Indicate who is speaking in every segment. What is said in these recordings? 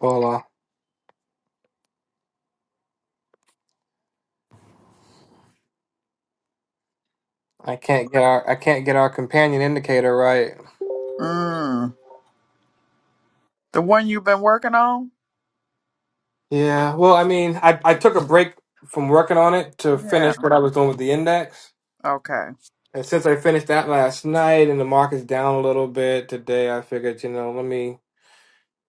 Speaker 1: Well, uh, I can't get our I can't get our companion indicator right.
Speaker 2: Mm. The one you've been working on?
Speaker 1: Yeah, well, I mean, I I took a break from working on it to
Speaker 2: Yeah.
Speaker 1: finish what I was doing with the index,
Speaker 2: Okay.
Speaker 1: and since I finished that last night and the market's down a little bit today, I figured, you know, let me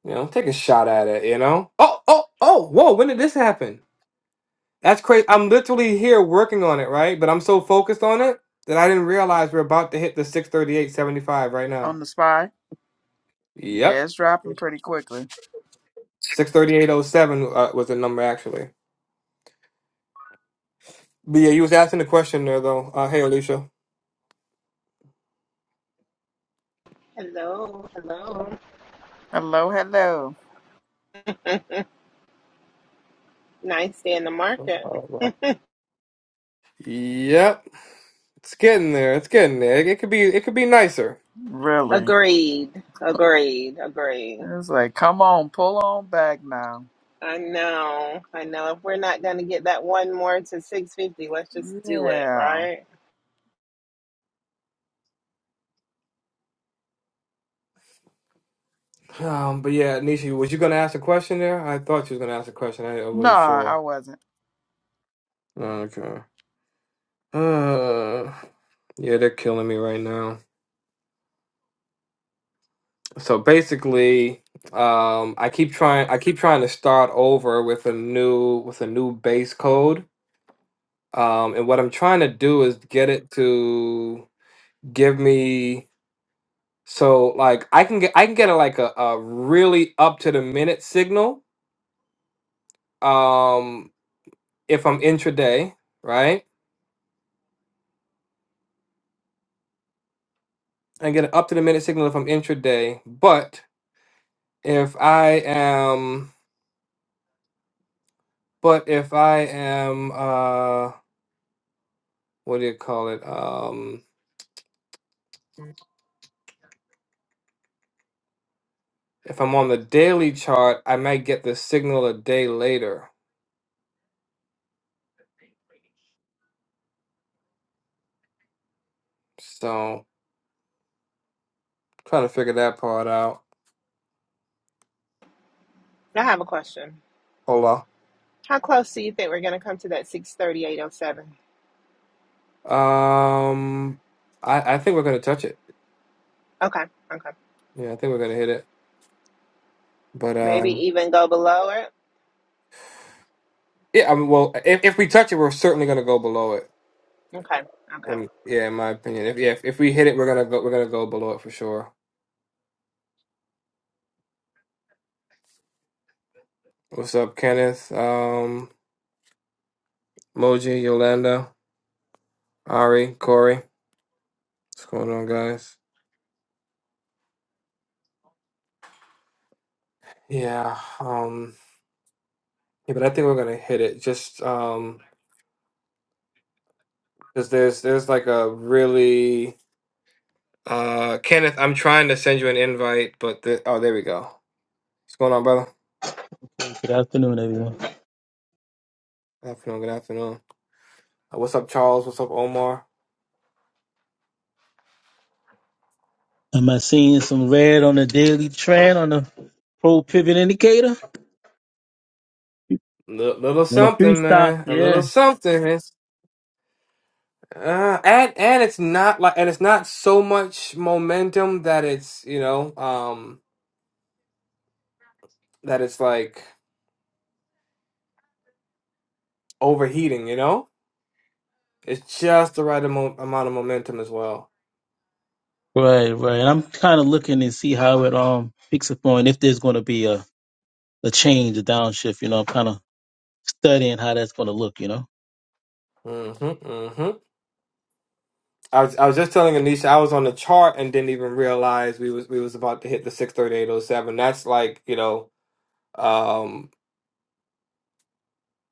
Speaker 1: you know take a shot at it. You know? Oh, oh, oh! Whoa! When did this happen? That's crazy. I'm literally here working on it, right? But I'm so focused on it that I didn't realize we're about to hit the 638.75 right now.
Speaker 2: On the spy? Yeah,
Speaker 1: Yep,
Speaker 2: it's dropping pretty quickly.
Speaker 1: 638.07 uh, was the number actually. But yeah, you was asking the question there though. Uh, hey, Alicia.
Speaker 3: Hello, hello.
Speaker 2: Hello, hello.
Speaker 3: Nice day in the market.
Speaker 1: Yep, it's getting there. It's getting there. It, it could be. It could be nicer.
Speaker 2: Really?
Speaker 3: Agreed, agreed, agreed.
Speaker 2: It's like, come on, pull on back now.
Speaker 3: I know, I know. If we're not going to get that one more to 650, let's just do it,
Speaker 2: Yeah.
Speaker 3: right?
Speaker 1: Um, but yeah, Nisha, was you gonna ask a question there? I thought you was gonna ask a question. I, I
Speaker 2: No,
Speaker 1: wasn't sure.
Speaker 2: I wasn't.
Speaker 1: Okay. Uh, yeah, they're killing me right now. so basically um i keep trying i keep trying to start over with a new with a new base code um and what i'm trying to do is get it to give me so like i can get i can get a, like a, a really up to the minute signal um if i'm intraday right i get an up to the minute signal if i'm intraday but if i am but if i am uh what do you call it um, if I'm on the daily chart, I might get the signal a day later. So trying to figure that part out.
Speaker 3: I have a question.
Speaker 1: Hold
Speaker 3: How close do you think we're going to come to that 638.07?
Speaker 1: on. Um, I I think we're gonna touch it.
Speaker 3: Okay, okay.
Speaker 1: Yeah, I think we're gonna hit it. But
Speaker 3: Maybe
Speaker 1: um,
Speaker 3: even go below it?
Speaker 1: yeah. I mean, well, if if we touch it, we're certainly gonna go below it.
Speaker 3: Okay, okay.
Speaker 1: Um, yeah, in my opinion. If yeah, if, if we hit it, we're gonna go. We're gonna go below it for sure. What's up, Kenneth? Um, Moji, Yolanda, Ari, Corey. What's going on, guys? Yeah. Um. Yeah, but I think we're gonna hit it. Just um. Cause there's there's like a really uh Kenneth, I'm trying to send you an invite, but the, oh there we go. What's going on, brother?
Speaker 4: Good afternoon, everyone.
Speaker 1: Good afternoon, good afternoon. Uh, what's up, Charles? What's up, Omar?
Speaker 4: Am I seeing some red on the daily trend on the pro pivot indicator?
Speaker 1: L- little
Speaker 4: On the three
Speaker 1: something,
Speaker 4: stop,
Speaker 1: man. A little
Speaker 4: yeah.
Speaker 1: something. It's, uh, and and it's not like and it's not so much momentum that it's you know um that it's like overheating. You know, it's just the right amo- amount of momentum as well.
Speaker 4: Right, right. And I'm kind of looking to see how it um picks up on if there's going to be a, a change, a downshift. You know, I'm kind of studying how that's going to look. You know.
Speaker 1: hmm hmm I was I was just telling Anisha I was on the chart and didn't even realize we was we was about to hit the six thirty eight oh seven. That's like you know, um,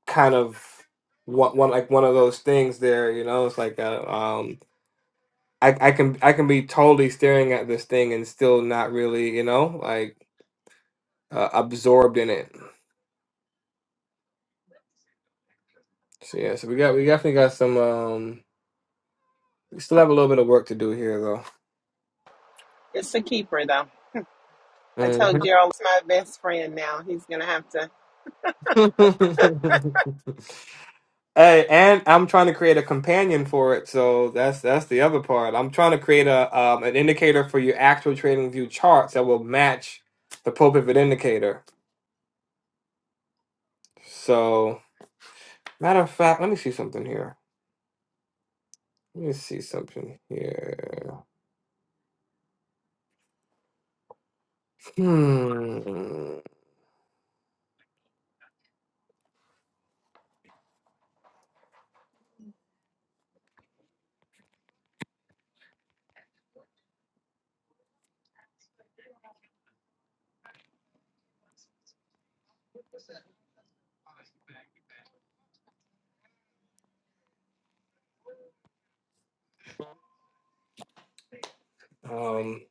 Speaker 1: kind of one, one like one of those things there. You know, it's like uh um, I I can I can be totally staring at this thing and still not really you know like uh, absorbed in it. So yeah, so we got we definitely got some um, we still have a little bit of work to do here though.
Speaker 3: It's a keeper, though. I told
Speaker 1: Mhm.
Speaker 3: Gerald, it's my best friend now. He's going to have to
Speaker 1: Hey, and I'm trying to create a companion for it, so that's that's the other part. I'm trying to create a um, an indicator for your actual trading view charts that will match the pro Pivot indicator. So, matter of fact, let me see something here. Let me see something here. Hmm. Um.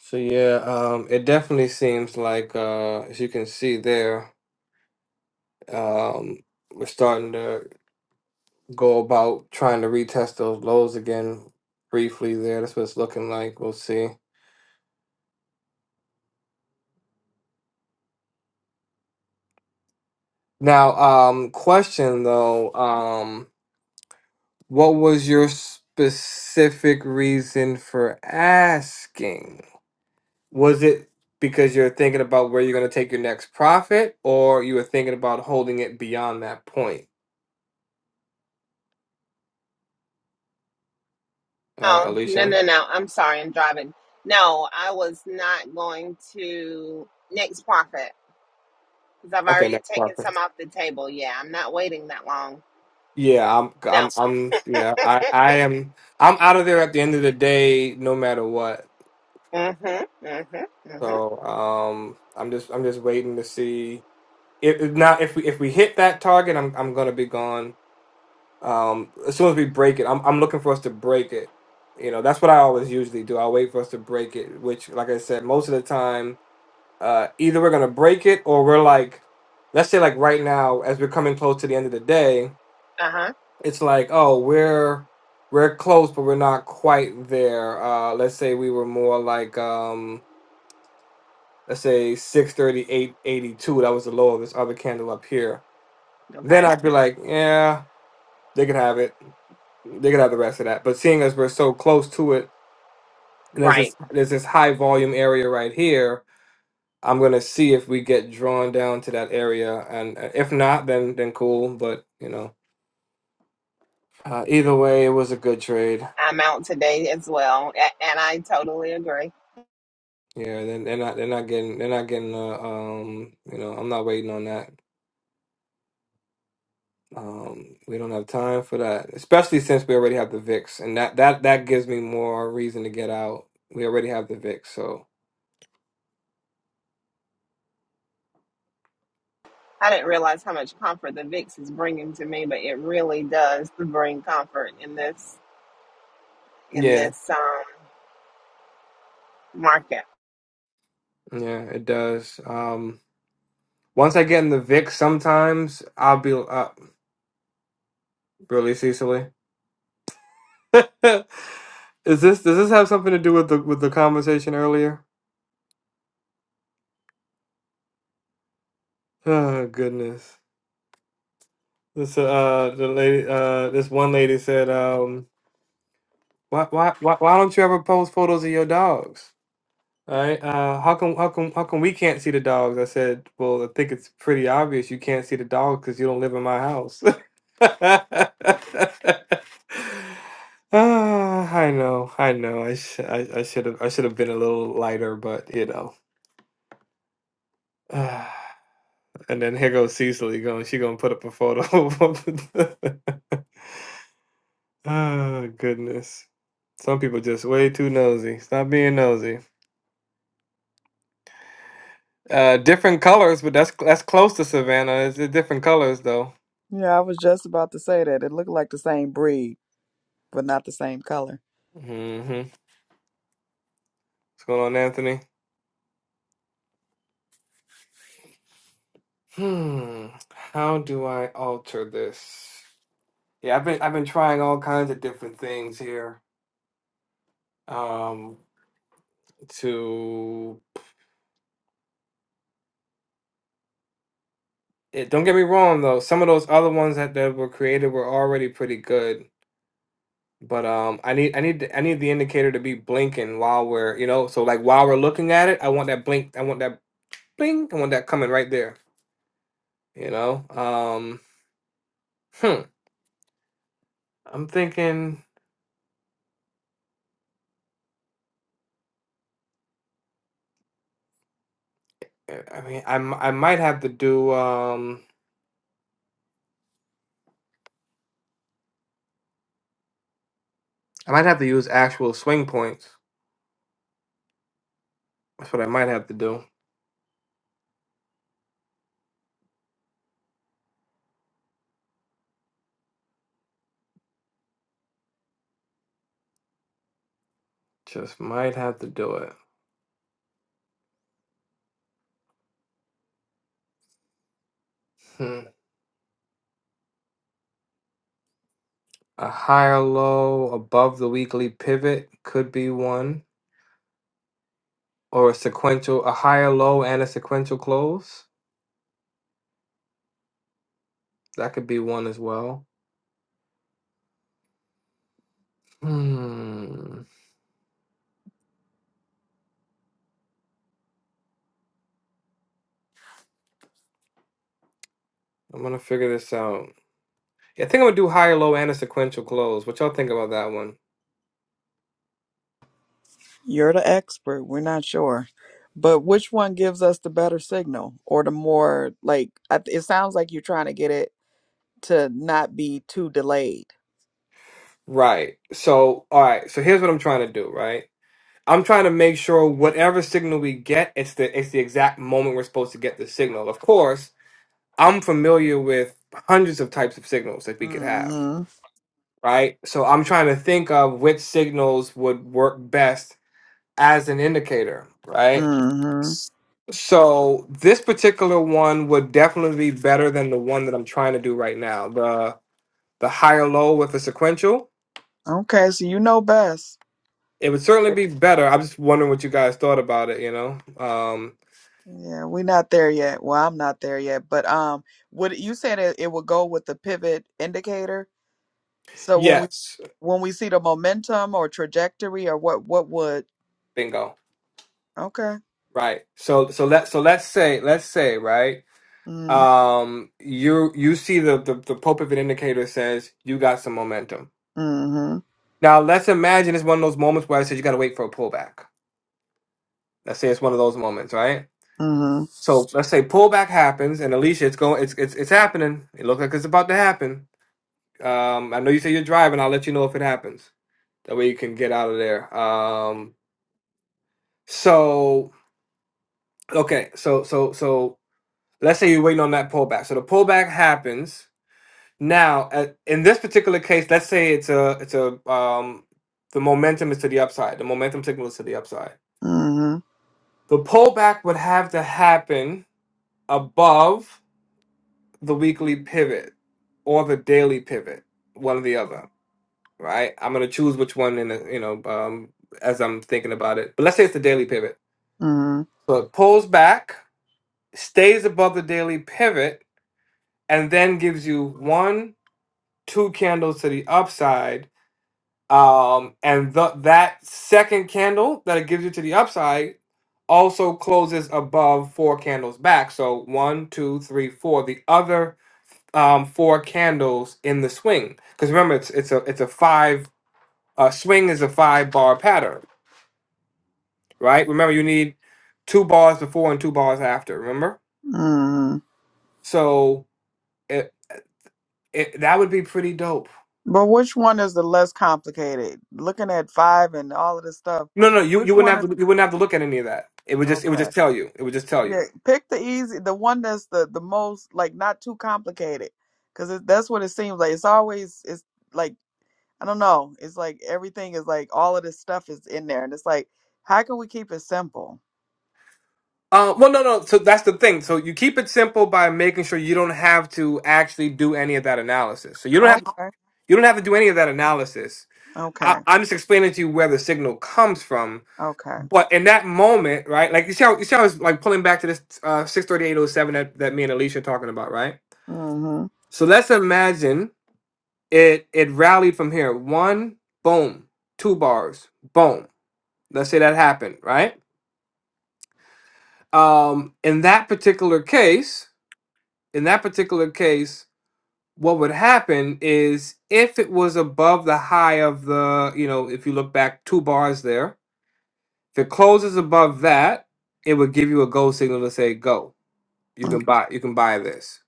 Speaker 1: So yeah. Um. It definitely seems like uh, as you can see there. Um. We're starting to. go about trying to retest those lows again briefly there. That's what it's looking like. We'll see. Now, um, question though, um, what was your specific reason for asking? Was it because you're thinking about where you're going to take your next profit, or you were thinking about holding it beyond that point, uh,
Speaker 3: No, no,
Speaker 1: Alicia?
Speaker 3: no, no. I'm sorry, I'm driving. No, I was not going to next profit because I've
Speaker 1: Okay,
Speaker 3: already
Speaker 1: next
Speaker 3: taken
Speaker 1: profit.
Speaker 3: some off the table. Yeah, I'm not waiting that long.
Speaker 1: Yeah, I'm,
Speaker 3: No.
Speaker 1: I'm, I'm, yeah, I, I am, I'm out of there at the end of the day, no matter what.
Speaker 3: Mm-hmm. Mm-hmm. Mm-hmm.
Speaker 1: So um, I'm just I'm just waiting to see if if- now if we if we hit that target, I'm I'm gonna be gone. Um, as soon as we break it, I'm I'm looking for us to break it. You know, that's what I always usually do. I wait for us to break it, which, like I said, most of the time, uh, either we're gonna break it or we're like, let's say like right now, as we're coming close to the end of the day,
Speaker 3: Uh-huh.
Speaker 1: it's like, oh, we're we're close, but we're not quite there. Uh, let's say we were more like um, let's say six thirty eight eighty two. that was the low of this other candle up here then
Speaker 3: Okay.
Speaker 1: i'd be like yeah they could have it they could have the rest of that but seeing as we're so close to it and there's
Speaker 3: Right.
Speaker 1: this there's this high volume area right here i'm gonna see if we get drawn down to that area and uh, if not then then cool but you know uh, either way it was a good trade
Speaker 3: I'm out today as well, a- and I totally agree.
Speaker 1: yeah, then they're not they're not getting they're not getting uh, um you know I'm not waiting on that Um, we don't have time for that, especially since we already have the VIX, and that that that gives me more reason to get out. We already have the VIX, so
Speaker 3: I didn't realize how much comfort the VIX is bringing to me, but it really does bring comfort in this in
Speaker 1: yeah,
Speaker 3: this um, market.
Speaker 1: yeah, it does. Um, once I get in the VIX, sometimes I'll be uh, really Cecily. Is this does this have something to do with the with the conversation earlier? Oh goodness, this uh the lady uh this one lady said um why why why why don't you ever post photos of your dogs? All right. Uh, how come? How come? How come we can't see the dogs? I said. Well, I think it's pretty obvious you can't see the dogs because you don't live in my house. Ah, I know. I know. I sh- I, I should have. I should have been a little lighter, but you know. Ah, and then here goes Cecily going. She gonna put up a photo. oh goodness. Some people just way too nosy. Stop being nosy. Uh, different colors, but that's that's close to Savannah. It's uh, different colors
Speaker 2: Yeah, I was just about to say that. It looked like the same breed, but not the same color.
Speaker 1: Mm-hmm. What's going on, Anthony? Hmm. How do I alter this? Yeah, I've been I've been trying all kinds of different things here. Um, to eh, don't get me wrong though, some of those other ones that, that were created were already pretty good. But um, I need I need the- I need the indicator to be blinking while we're you know so like while we're looking at it, I want that blink, I want that bling, I want that coming right there. You know. Um. Hmm. I'm thinking. I I mean, I, m- I might have to do um I might have to use actual swing points. That's what I might have to do. Just might have to do it. Hmm. A higher low above the weekly pivot could be one, or a sequential a higher low and a sequential close. That could be one as well. Hmm. I'm gonna figure this out. Yeah, I think I'm gonna do higher low and a sequential close. What y'all think about that one?
Speaker 2: You're the expert. We're not sure. But which one gives us the better signal or the more, like, I- it sounds like you're trying to get it to not be too delayed.
Speaker 1: Right. So, all right. So here's what I'm trying to do, right? I'm trying to make sure whatever signal we get, it's the it's the exact moment we're supposed to get the signal. Of course, I'm familiar with hundreds of types of signals that we could have,
Speaker 2: Mm-hmm.
Speaker 1: right? So I'm trying to think of which signals would work best as an indicator, right?
Speaker 2: Mm-hmm.
Speaker 1: So this particular one would definitely be better than the one that I'm trying to do right now. The the higher low with the sequential.
Speaker 2: Okay, so you know best.
Speaker 1: It would certainly
Speaker 2: Eh,
Speaker 1: be better. I'm just wondering what you guys thought about it, you know? Um
Speaker 2: Yeah, we're not there yet. Well, I'm not there yet, but um, would you said it, it would go with the pivot indicator? So when we
Speaker 1: yes.
Speaker 2: when we see the momentum or trajectory or what what would
Speaker 1: Bingo.
Speaker 2: okay.
Speaker 1: Right. So so let so let's say let's say right.
Speaker 2: Mm,
Speaker 1: Um, you you see the the, the pulpit indicator says you got some momentum.
Speaker 2: mm-hmm.
Speaker 1: Now let's imagine it's one of those moments where I said you got to wait for a pullback. Let's say it's one of those moments, right?
Speaker 2: Mm-hmm.
Speaker 1: So let's say pullback happens, and Alicia, it's going, it's it's it's happening. It looks like it's about to happen. Um, I know you say you're driving. I'll let you know if it happens. That way you can get out of there. Um, so okay, so so so let's say you're waiting on that pullback. So the pullback happens Now, uh, in this particular case, let's say it's a it's a um the momentum is to the upside. The momentum signal is to the upside.
Speaker 2: Mm-hmm.
Speaker 1: The pullback would have to happen above the weekly pivot or the daily pivot, one or the other, right? I'm gonna choose which one in the, you know um as I'm thinking about it. But let's say it's the daily pivot.
Speaker 2: Mm-hmm.
Speaker 1: So it pulls back, stays above the daily pivot, and then gives you one, two candles to the upside Um, and the, that second candle that it gives you to the upside also closes above four candles back. So one, two, three, four. The other um, four candles in the swing. Because remember, it's it's a it's a five uh, swing is a five bar pattern, right? Remember, you need two bars before and two bars after. Remember,
Speaker 2: Mm-hmm.
Speaker 1: so it, it that would be pretty dope
Speaker 2: But which one is the less complicated? Looking at five and all of this stuff,
Speaker 1: No, no, you,
Speaker 2: which
Speaker 1: you wouldn't
Speaker 2: one
Speaker 1: have
Speaker 2: is
Speaker 1: to you wouldn't have to look at any of that. It would just it would
Speaker 2: okay?
Speaker 1: just tell you. It would just tell
Speaker 2: Yeah,
Speaker 1: you.
Speaker 2: pick the easy, the one that's the the most like not too complicated, because that's what it seems like. It's always it's like I don't know. It's like everything is like all of this stuff is in there, and it's like how can we keep it simple?
Speaker 1: Uh, well, no, no. So that's the thing. So you keep it simple by making sure you don't have to actually do any of that analysis. So you don't have
Speaker 2: Okay,
Speaker 1: you don't have to do any of that analysis. I,
Speaker 2: okay,
Speaker 1: I'm just explaining to you where the signal comes from,
Speaker 2: okay.
Speaker 1: But in that moment, right? Like you see how you see how it's like pulling back to this uh six thirty eight oh seven that, that me and Alicia are talking about, right?
Speaker 2: Mm-hmm.
Speaker 1: So let's imagine it it rallied from here. One, boom, two bars, boom. Let's say that happened, right? Um in that particular case, in that particular case, what would happen is if it was above the high of the, you know, if you look back two bars there, if it closes above that, it would give you a go signal to say go you can buy you can buy this.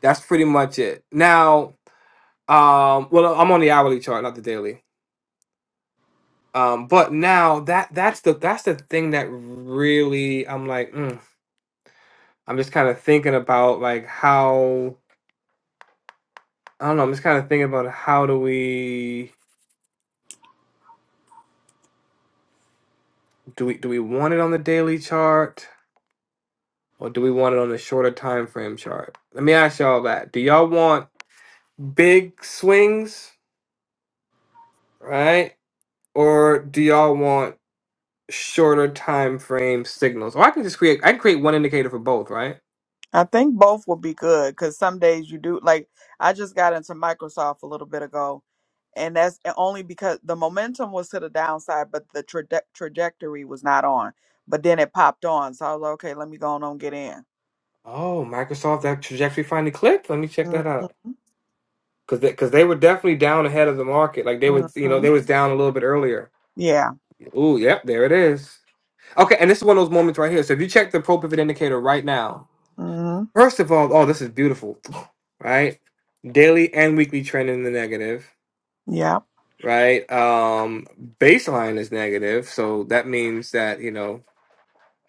Speaker 1: That's pretty much it. Now, um, well, I'm on the hourly chart, not the daily. Um, but now that that's the that's the thing that really I'm like, mm, I'm just kind of thinking about like how I don't know. I'm just kind of thinking about how do we do we do we want it on the daily chart or do we want it on the shorter time frame chart? Let me ask y'all that. Do y'all want big swings, right? Or do y'all want shorter time frame signals. Or I can just create I can create one indicator for both, right?
Speaker 2: I think both would be good because some days you do like I just got into Microsoft a little bit ago, and that's only because the momentum was to the downside, but the traje- trajectory was not on. But then it popped on, so I was like, okay, let me go on and get in.
Speaker 1: Oh, Microsoft that trajectory finally clicked. Let me check that out.
Speaker 2: Mm-hmm.
Speaker 1: Cause they, cause they were definitely down ahead of the market. Like they was, you know,
Speaker 2: Mm-hmm.
Speaker 1: they was down a little bit earlier.
Speaker 2: Yeah.
Speaker 1: Ooh, yep, there it is. Okay, and this is one of those moments right here. So if you check the pro pivot indicator right now,
Speaker 2: Mm-hmm.
Speaker 1: first of all, oh, this is beautiful, right? Daily and weekly trend in the negative,
Speaker 2: Yep.
Speaker 1: right? Um, baseline is negative, so that means that you know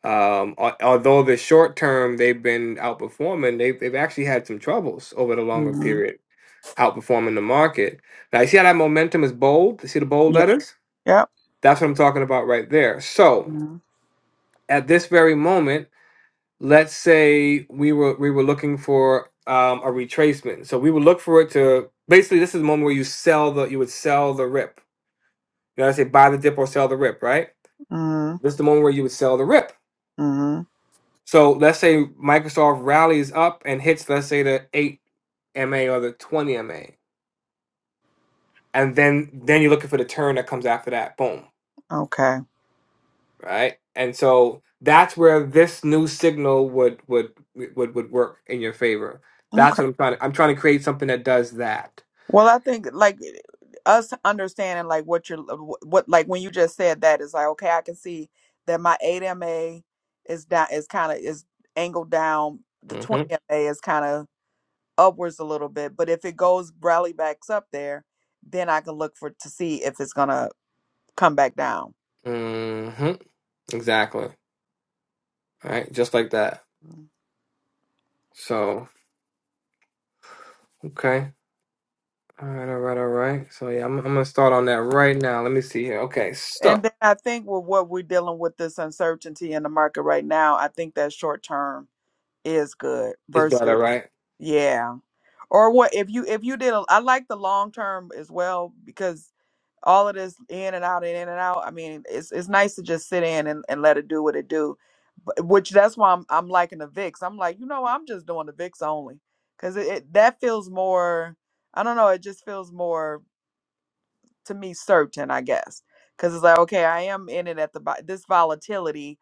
Speaker 1: Um, al- although the short term they've been outperforming, they've, they've actually had some troubles over the longer
Speaker 2: Mm-hmm.
Speaker 1: period outperforming the market. Now, you see how that momentum is bold? You see the bold
Speaker 2: Yeah.
Speaker 1: letters?
Speaker 2: Yep.
Speaker 1: That's what I'm talking about right there. So,
Speaker 2: Mm-hmm.
Speaker 1: at this very moment, let's say we were we were looking for um, a retracement. So we would look for it to basically this is the moment where you sell the you would sell the rip. You know, I say buy the dip or sell the rip, right? This is the moment where you would sell the rip
Speaker 2: Mm-hmm.
Speaker 1: So let's say Microsoft rallies up and hits, let's say, the eight MA or the twenty MA, and then then you're looking for the turn that comes after that. Boom,
Speaker 2: Okay.
Speaker 1: right? And so that's where this new signal would would would would work in your favor.
Speaker 2: Okay.
Speaker 1: That's what I'm trying to. I'm trying to create something that does that.
Speaker 2: Well, I think like eh, us understanding like what you're what like when you just said that is like okay, I can see that my eight MA is down is kind of is angled down. The
Speaker 1: hmm
Speaker 2: twenty MA is kind of upwards a little bit, but if it goes rally backs up there, then I can look for to see if it's gonna come back down.
Speaker 1: hmm Exactly. All right, just like that.
Speaker 2: Mhm.
Speaker 1: So okay. All right. All right. All right. So yeah, I'm I'm gonna start on that right now. Let me see here. Okay.
Speaker 2: And
Speaker 1: So
Speaker 2: then I think with what we're dealing with this uncertainty in the market right now, I think that short term is good
Speaker 1: it's better,
Speaker 2: versus
Speaker 1: right?
Speaker 2: yeah. or what if you if you did a, i like the long term as well because all of this in and out and in and out i mean it's it's nice to just sit in and, and let it do what it do but, which that's why I'm, I'm liking the vix i'm like you know i'm just doing the vix only because it, it that feels more i don't know it just feels more to me certain i guess because it's like okay i am in it at the bo- this volatility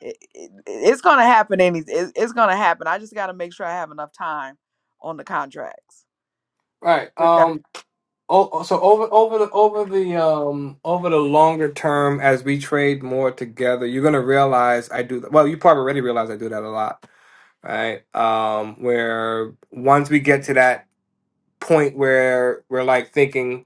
Speaker 2: it, it, it's gonna happen any it, it's gonna happen i just gotta make sure i have enough time on the contracts
Speaker 1: All Right.
Speaker 2: which I
Speaker 1: Um, Oh, oh, so over over the over the um over the longer term, as we trade more together, you're gonna realize I do. Well, you probably already realize I do that a lot, right? Um, where once we get to that point where we're like thinking,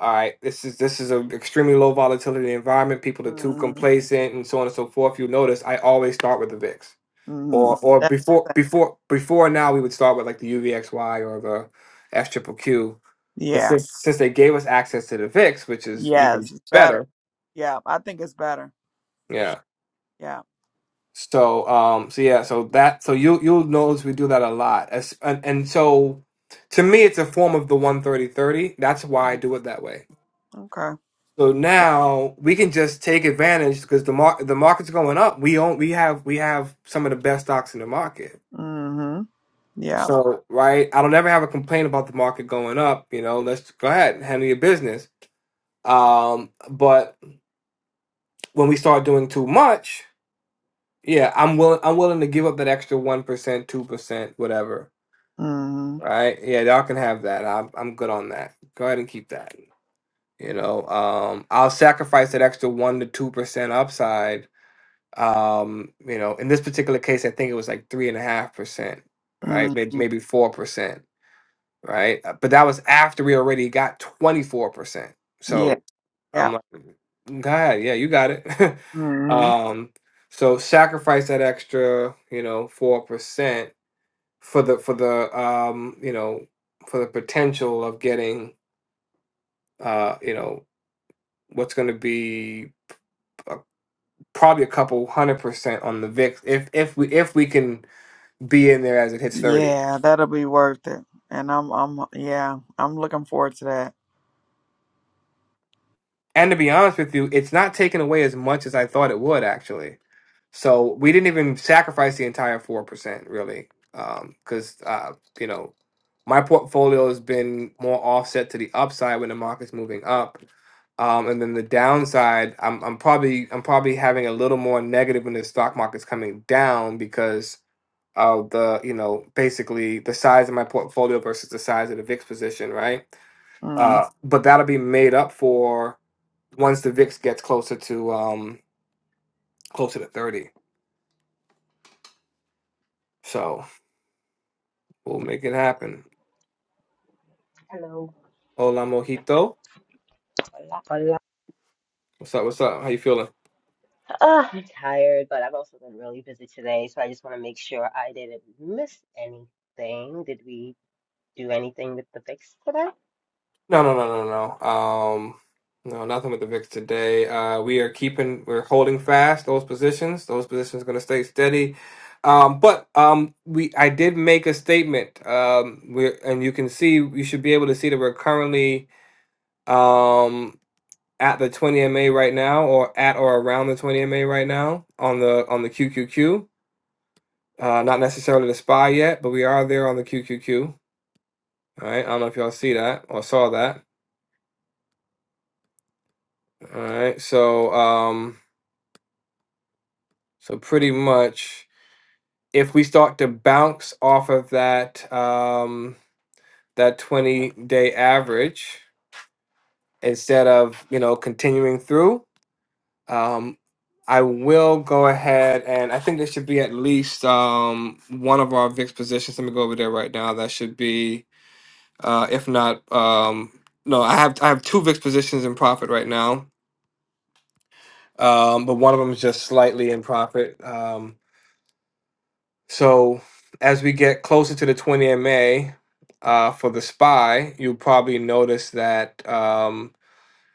Speaker 1: all right, this is this is an extremely low volatility environment. People are too
Speaker 2: Mm-hmm.
Speaker 1: complacent, and so on and so forth. You notice I always start with the VIX
Speaker 2: Mm-hmm.
Speaker 1: or or
Speaker 2: That
Speaker 1: before
Speaker 2: makes sense.
Speaker 1: before before now we would start with like the UVXY or the S triple Q, but
Speaker 2: Yeah.
Speaker 1: since since they gave us access to the VIX, which is even
Speaker 2: Yes. It's better.
Speaker 1: better,
Speaker 2: Yeah. I think it's better. For
Speaker 1: yeah.
Speaker 2: sure. Yeah.
Speaker 1: So um so yeah so that so you you'll notice we do that a lot As, and and so to me it's a form of the one thirty thirty. That's why I
Speaker 2: Mm,
Speaker 1: do it that way.
Speaker 2: Okay.
Speaker 1: So
Speaker 2: Yeah.
Speaker 1: now we can just take advantage because the mar- the market's going up. We own we have we have some of the best stocks in the market
Speaker 2: Mm-hmm. Yeah.
Speaker 1: So, right, I don't ever have a complaint about the market going up. You know, let's go ahead and handle your business. Um, but when we start doing too much, yeah, I'm willing. I'm willing to give up that extra one percent, two percent, whatever.
Speaker 2: Mm-hmm.
Speaker 1: Right? Yeah, y'all can have that. I'm I'm good on that. Go ahead and keep that. You know, um, I'll sacrifice that extra one to two percent upside. Um, you know, in this particular case, I think it was like three and a half percent. Right? Maybe
Speaker 2: Mm-hmm.
Speaker 1: maybe four percent right? Uh, But that was after we already got 24%.
Speaker 2: Yeah.
Speaker 1: So
Speaker 2: Yeah.
Speaker 1: I'm like, God, yeah, you got it.
Speaker 2: Mm-hmm.
Speaker 1: um, so sacrifice that extra, you know, 4% for the, for the, um, you know, for the potential of getting, uh, you know, what's going to be uh, probably a couple hundred percent on the VIX if, if we, if we can be in there as it hits 30.
Speaker 2: Yeah. That'll be worth it. And I'm, I'm, yeah, I'm looking forward to that.
Speaker 1: And to be honest with you, it's not taken away as much as I thought it would actually So we didn't even sacrifice the entire four percent really, because uh, you know my portfolio has been more offset to the upside when the market's moving up, um, and then the downside. I'm, I'm probably I'm probably having a little more negative when the stock market's coming down because of the you know basically the size of my portfolio versus the size of the VIX position, right?
Speaker 2: Mm.
Speaker 1: Uh, but that'll be made up for once the VIX gets closer to um, closer to thirty. So. We'll make it happen.
Speaker 5: Hello.
Speaker 1: Hola, mojito.
Speaker 5: Hola, hola.
Speaker 1: What's up? What's up? How you feeling?
Speaker 5: Ah, I'm tired, but I've also been really busy today, so I just want to make sure I didn't miss anything. Did we do anything with the fix today?
Speaker 1: No, no, no, no, no. no. Um, no, nothing with the VIX today. Uh, we are keeping, we're holding fast those positions. Those positions going to stay steady. Um, but um, we, I did make a statement. Um, we and you can see, you should be able to see that we're currently um at the 20 MA right now, or at or around the 20 MA right now on the on the QQQ. Uh, not necessarily the SPY yet, but we are there on the QQQ. All right, I don't know if y'all see that or saw that. All right, so um, so pretty much, if we start to bounce off of that um that twenty day average instead of you know continuing through, um, I will go ahead and I think there should be at least um one of our VIX positions. Let me go over there right now. That should be uh if not um no I have I have two VIX positions in profit right now um, but one of them is just slightly in profit. Um, so as we get closer to the 20 MA uh, for the SPY, you'll probably notice that um,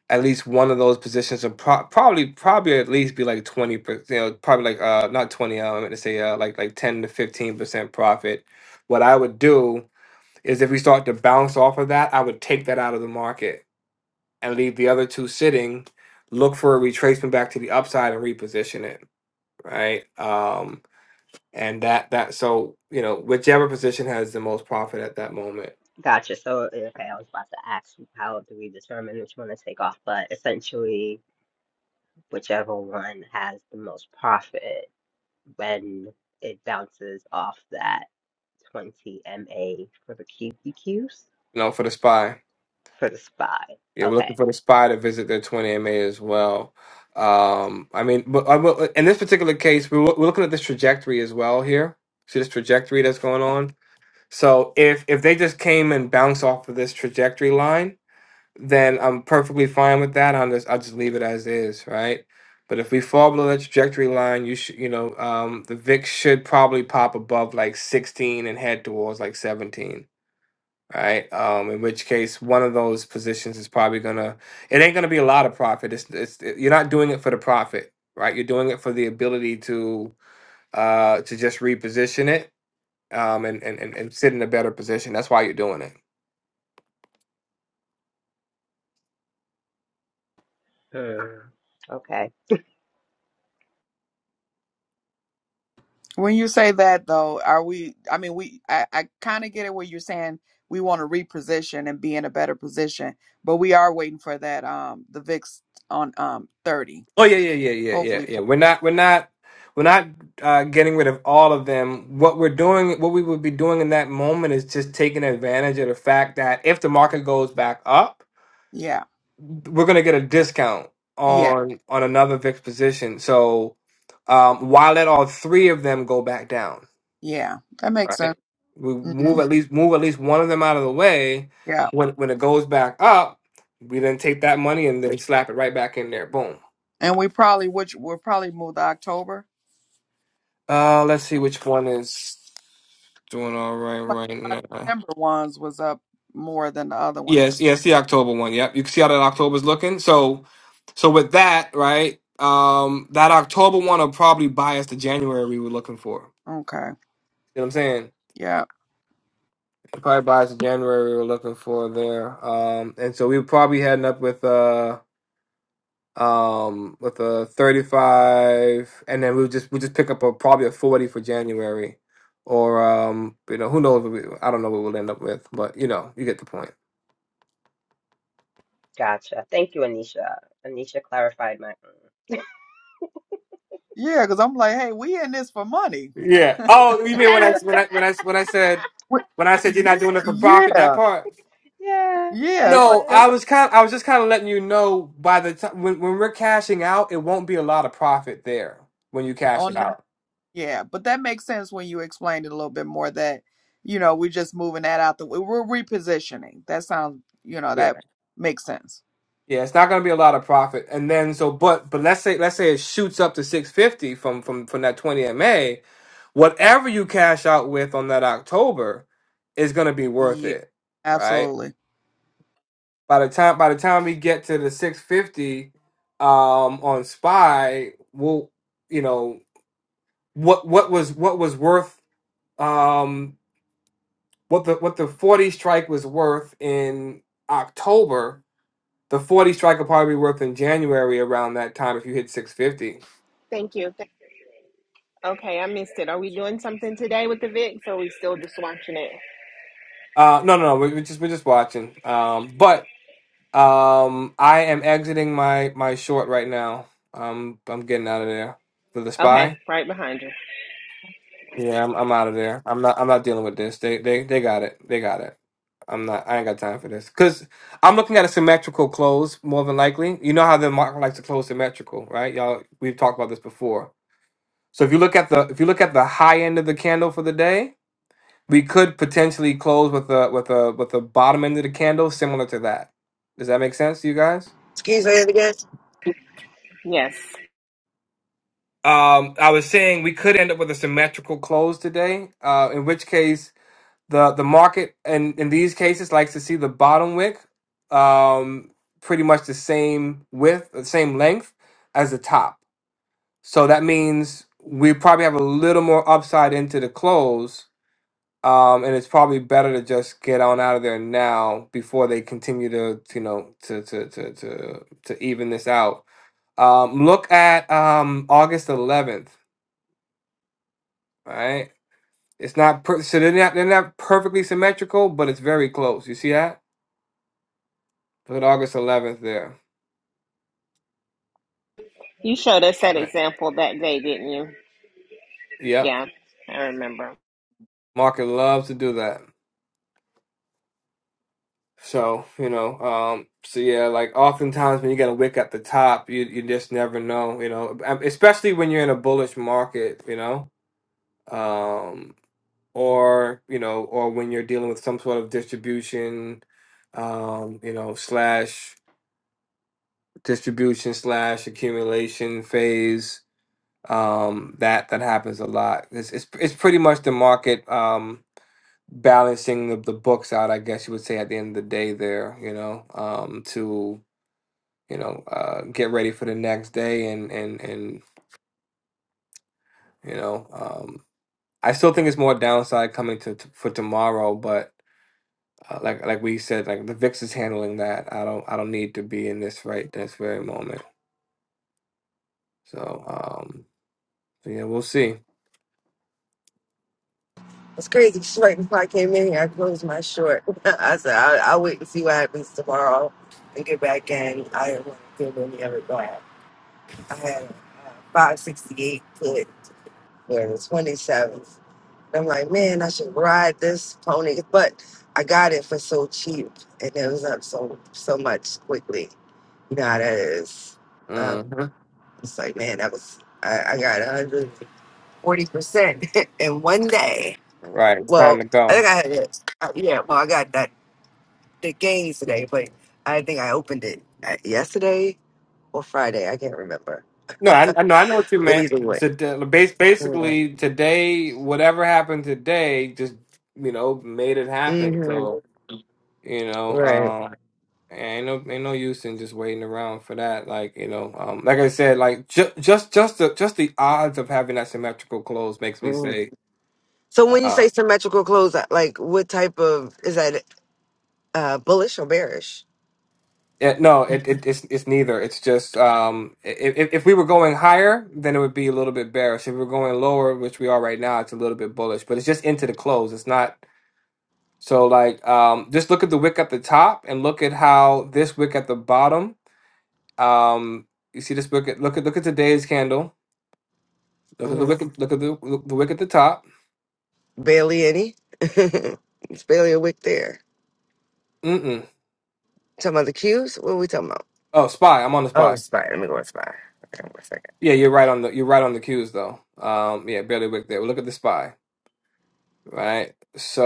Speaker 1: at least one of those positions will pro- probably probably at least be like 20, per- you know, probably like uh, not 20, uh, I meant to say uh, like like 10 to 15 percent profit. What I would do is if we start to bounce off of that, I would take that out of the market and leave the other two sitting. Look for a retracement back to the upside and reposition it right? Um, and that that so you know whichever position has the most profit at that moment.
Speaker 5: Gotcha. So, okay, I was about to ask how do we determine which one to take off, but essentially, whichever one has the most profit when it bounces off that 20 MA for the QQQs
Speaker 1: You know, for the spy,
Speaker 5: for the SPY.
Speaker 1: yeah, we're looking
Speaker 5: Okay.
Speaker 1: for the spy to visit their twenty MA as well. Um, I mean, but I will, in this particular case, we're, we're looking at this trajectory as well here. See this trajectory that's going on. So if if they just came and bounced off of this trajectory line then I'm perfectly fine with that. I'll just I'll just leave it as is, right? But if we fall below that trajectory line, you should you know um, the VIX should probably pop above like 16 and head towards like 17, right? Um, in which case, one of those positions is probably gonna it ain't gonna be a lot of profit. It's it's you're not doing it for the profit, right? You're doing it for the ability to uh to just reposition it um and and and and sit in a better position. That's why you're doing it.
Speaker 5: Hmm. Okay.
Speaker 2: When you say that though, are we, I mean, we, I, I kind of get it where you're saying we want to reposition and be in a better position, but we are waiting for that, um, the VIX on, um, 30.
Speaker 1: Oh yeah, yeah, yeah, yeah, yeah,
Speaker 2: hopefully
Speaker 1: yeah.
Speaker 2: for
Speaker 1: We're not, we're not, we're not uh, getting rid of all of them. What we're doing, what we would be doing in that moment is just taking advantage of the fact that if the market goes back up,
Speaker 2: yeah
Speaker 1: we're going to get a discount
Speaker 2: yeah
Speaker 1: on on another VIX position. So um, why let all three of them go back down?
Speaker 2: yeah that makes
Speaker 1: Right.
Speaker 2: sense
Speaker 1: We
Speaker 2: hmm
Speaker 1: move at least move at least one of them out of the way.
Speaker 2: yeah
Speaker 1: When when it goes back up, we then take that money and then slap it right back in there. Boom.
Speaker 2: and we probably which we'll probably move to october
Speaker 1: Uh, let's see which one is doing all right
Speaker 2: my,
Speaker 1: right
Speaker 2: my
Speaker 1: now.
Speaker 2: december ones was up more than the other ones
Speaker 1: Yes, yes, the October one. Yep, you can see how that October's looking. So, so with that, right? Um, that October one will probably buy us the January we were looking for.
Speaker 2: okay
Speaker 1: You know what I'm saying?
Speaker 2: yeah
Speaker 1: It probably buy us the January we were looking for there. Um, and so we were probably heading up with uh. um with a 35 and then we'll just we'll just pick up a probably a 40 for January or um you know who knows what we, I don't know what we'll end up with but you know you get the point
Speaker 5: Gotcha. Thank you, Anisha. Anisha clarified my.
Speaker 2: yeah because i'm like hey we in this for money
Speaker 1: yeah oh you mean when I when I when I when I said
Speaker 2: Wh-
Speaker 1: when I said you're not doing it for profit that
Speaker 2: yeah
Speaker 1: part
Speaker 5: yeah,
Speaker 2: yeah it's like
Speaker 1: no
Speaker 5: yeah.
Speaker 1: I
Speaker 2: yes I-
Speaker 1: was kind I was just kind of letting you know by the time when when we're cashing out it won't be a lot of profit there when you cash it
Speaker 2: on that
Speaker 1: out
Speaker 2: yeah but that makes sense when you explained it a little bit more that you know we're just moving that out the way we're repositioning that sounds you know that makes sense
Speaker 1: Yeah, it's not going to be a lot of profit. And then so, but but let's say let's say it shoots up to six fifty from from from that twenty MA. Whatever you cash out with on that October is going to be worth
Speaker 2: Yeah,
Speaker 1: it, right?
Speaker 2: absolutely.
Speaker 1: By the time by the time we get to the six fifty um, on Spy, we'll you know what what was what was worth um, what the what the forty strike was worth in October The 40 strike will probably be worth in January around that time if you hit 650.
Speaker 3: Thank you. Okay, I missed it. Are we doing something today with the VIX or are we still just watching it?
Speaker 1: Uh, no, no, no. We're, we're just we're just watching. Um, but um, I am exiting my my short right now. Um, I'm getting out of there for the
Speaker 3: Okay,
Speaker 1: spy.
Speaker 3: right behind you.
Speaker 1: Yeah, I'm, I'm out of there. I'm not I'm not dealing with this. They they they got it. They got it. I'm not. I ain't got time for this because I'm looking at a symmetrical close more than likely. You know how the market likes to close symmetrical, right? Y'all, we've talked about this before. So if you look at the if you look at the high end of the candle for the day, We could potentially close with a with a with a bottom end of the candle similar to that. Does that make sense to you guys?
Speaker 6: Excuse me again.
Speaker 3: Yes.
Speaker 1: Um, I was saying we could end up with a symmetrical close today, uh, in which case the the market in, in these cases likes to see the bottom wick um, pretty much the same width, the same length as the top. So that means we probably have a little more upside into the close Um, and it's probably better to just get on out of there now before they continue to, you know, to to to to to even this out. Um, look at um August 11th, right? It's not per- so they're not they're not perfectly symmetrical, but it's very close. You see that? Look at August 11th there.
Speaker 3: You showed us that
Speaker 1: Right.
Speaker 3: example that day, didn't you?
Speaker 1: Yep.
Speaker 3: Yeah, I remember.
Speaker 1: Market loves to do that. So, you know, um, so yeah, like oftentimes when you get a wick at the top, you you just never know, you know, um, especially when you're in a bullish market, you know. um, or you know, or when you're dealing with some sort of distribution, um, you know, slash distribution slash accumulation phase. Um, that that happens a lot. It's it's, it's pretty much the market um, balancing the, the books out. I guess you would say at the end of the day, there, you know, um, to you know, uh, get ready for the next day and and and you know, um, I still think it's more downside coming to, to for tomorrow, but uh, like like we said, like the VIX is handling that. I don't I don't need to be in this right this very moment. So um, so yeah, we'll see.
Speaker 6: It's crazy. Just right before I came in here, I closed my short. I said, I'll, I'll wait and see what happens tomorrow and get back in. I didn't want to give any of it back. I had uh, 568 put for the 27th. I'm like, man, I should ride this pony. But I got it for so cheap and it was up so so much quickly. You know how that is. Um,
Speaker 1: hmm
Speaker 6: it's like, man, that was, I, I got 140% in one day.
Speaker 1: Right, it's time
Speaker 6: Well,
Speaker 1: to
Speaker 6: I
Speaker 1: go.
Speaker 6: think I had it. Uh, yeah, well, I got that the games today, but I think I opened it uh, yesterday or Friday. I can't remember.
Speaker 1: No, I, I know I know what you
Speaker 6: But
Speaker 1: meant.
Speaker 6: either way,
Speaker 1: To, base
Speaker 6: yeah.
Speaker 1: basically today, whatever happened today, just you know made it happen.
Speaker 6: hmm
Speaker 1: So you know,
Speaker 6: Right.
Speaker 1: um, ain't no ain't no use in just waiting around for that. Like you know, um, like I said, like ju- just just the just the odds of having that symmetrical close makes me
Speaker 6: hmm
Speaker 1: say.
Speaker 6: So when you
Speaker 1: uh,
Speaker 6: say symmetrical close, uh, like what type of is that? Uh, bullish or bearish?
Speaker 1: It, no, it, it it's it's neither. It's just um, if if we were going higher, then it would be a little bit bearish. If we were going lower, which we are right now, it's a little bit bullish. But it's just into the close. It's not so like um, just look at the wick at the top and look at how this wick at the bottom. Um, you see this wick. At, look at look at today's candle. Look at the
Speaker 6: hmm
Speaker 1: wick. Look at the look, the wick at the top.
Speaker 6: Barely any. it's barely a wick there.
Speaker 1: Mm-mm.
Speaker 6: Talking about the cues? What are we talking about?
Speaker 1: Oh, spy. I'm on the
Speaker 6: Oh,
Speaker 1: spy.
Speaker 6: spy. Let me go with spy. Okay, one second.
Speaker 1: Yeah, you're right on the you're right on the cues though. Um, yeah, barely wick there. Look at the spy. Right.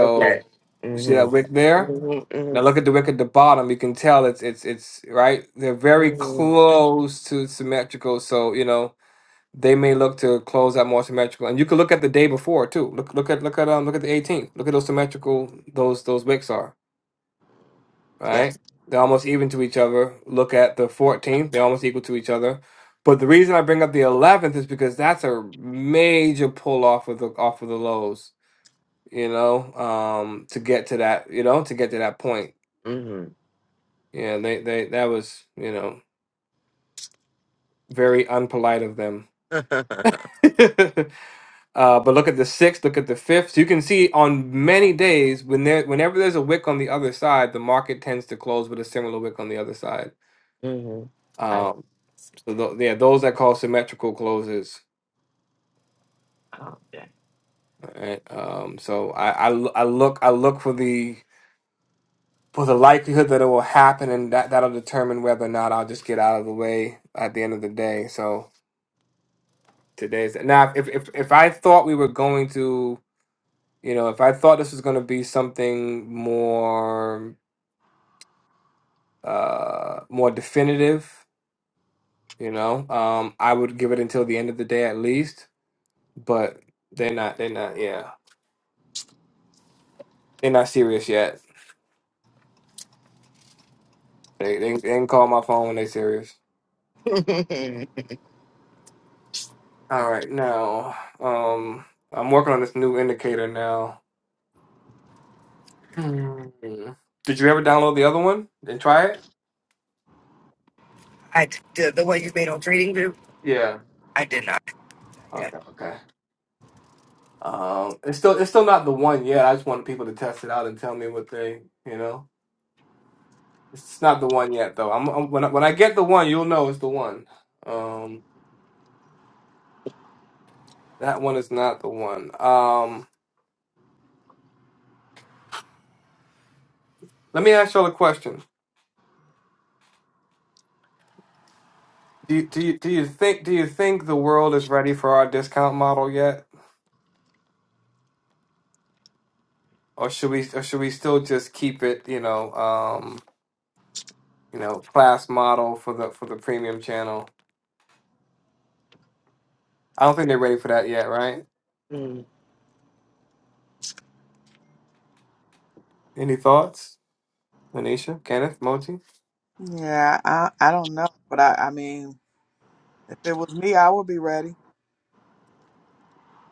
Speaker 6: Okay.
Speaker 1: you see that wick
Speaker 6: Mm-hmm.
Speaker 1: there
Speaker 6: Mm-hmm.
Speaker 1: Now
Speaker 6: Mm-hmm.
Speaker 1: look at the wick at the bottom. You can tell it's it's it's right. They're very
Speaker 6: Mm-hmm.
Speaker 1: close to symmetrical, so you know they may look to close out more symmetrical. And you can look at the day before too. Look look at look at um look at the 18th. Look at those symmetrical those those wicks are
Speaker 6: Yeah.
Speaker 1: right. They're almost even to each other. Look at the 14th. They're almost equal to each other. But the reason I bring up the 11th is because that's a major pull off of the off of the lows. You know, um, to get to that, you know, to get to that point
Speaker 6: Mm-hmm.
Speaker 1: Yeah, they, they that was, you know, very unpolite of them. uh, but look at the sixth, look at the fifth. So you can see on many days when there whenever there's a wick on the other side, the market tends to close with a similar wick on the other side.
Speaker 6: hmm I,
Speaker 1: Um, so tho- yeah, those that call symmetrical closes.
Speaker 6: oh, yeah.
Speaker 1: Right? Um, so I, I l- I look I look for the for the likelihood that it will happen, and that that'll determine whether or not I'll just get out of the way at the end of the day. So today's now if if if I thought we were going to You know, if I thought this was going to be something more uh more definitive, you know, um I would give it until the end of the day at least, but they're not they're not yeah. They're not serious yet. They they, they can call my phone when they're serious. All right, now um I'm working on this new indicator now. Hmm. Did you ever download the other one and try it?
Speaker 6: I did the one you made on Trading View.
Speaker 1: Yeah.
Speaker 6: I did not. Yeah,
Speaker 1: Okay, okay. Um, it's still it's still not the one yet. I just wanted people to test it out and tell me what they, you know. It's not the one yet, though. I'm, I'm when I, when I get the one, you'll know it's the one. Um, that one is not the one. Um, let me ask y'all a question. Do you, do you do you think do you think the world is ready for our discount model yet, or should we or should we still just keep it? You know, um, you know, class model for the for the premium channel. I don't think they're ready for that yet, right?
Speaker 6: mm,
Speaker 1: Any thoughts, Manisha, Kenneth, Moti?
Speaker 2: Yeah, I I don't know, but I I mean, if it was me, I would be ready.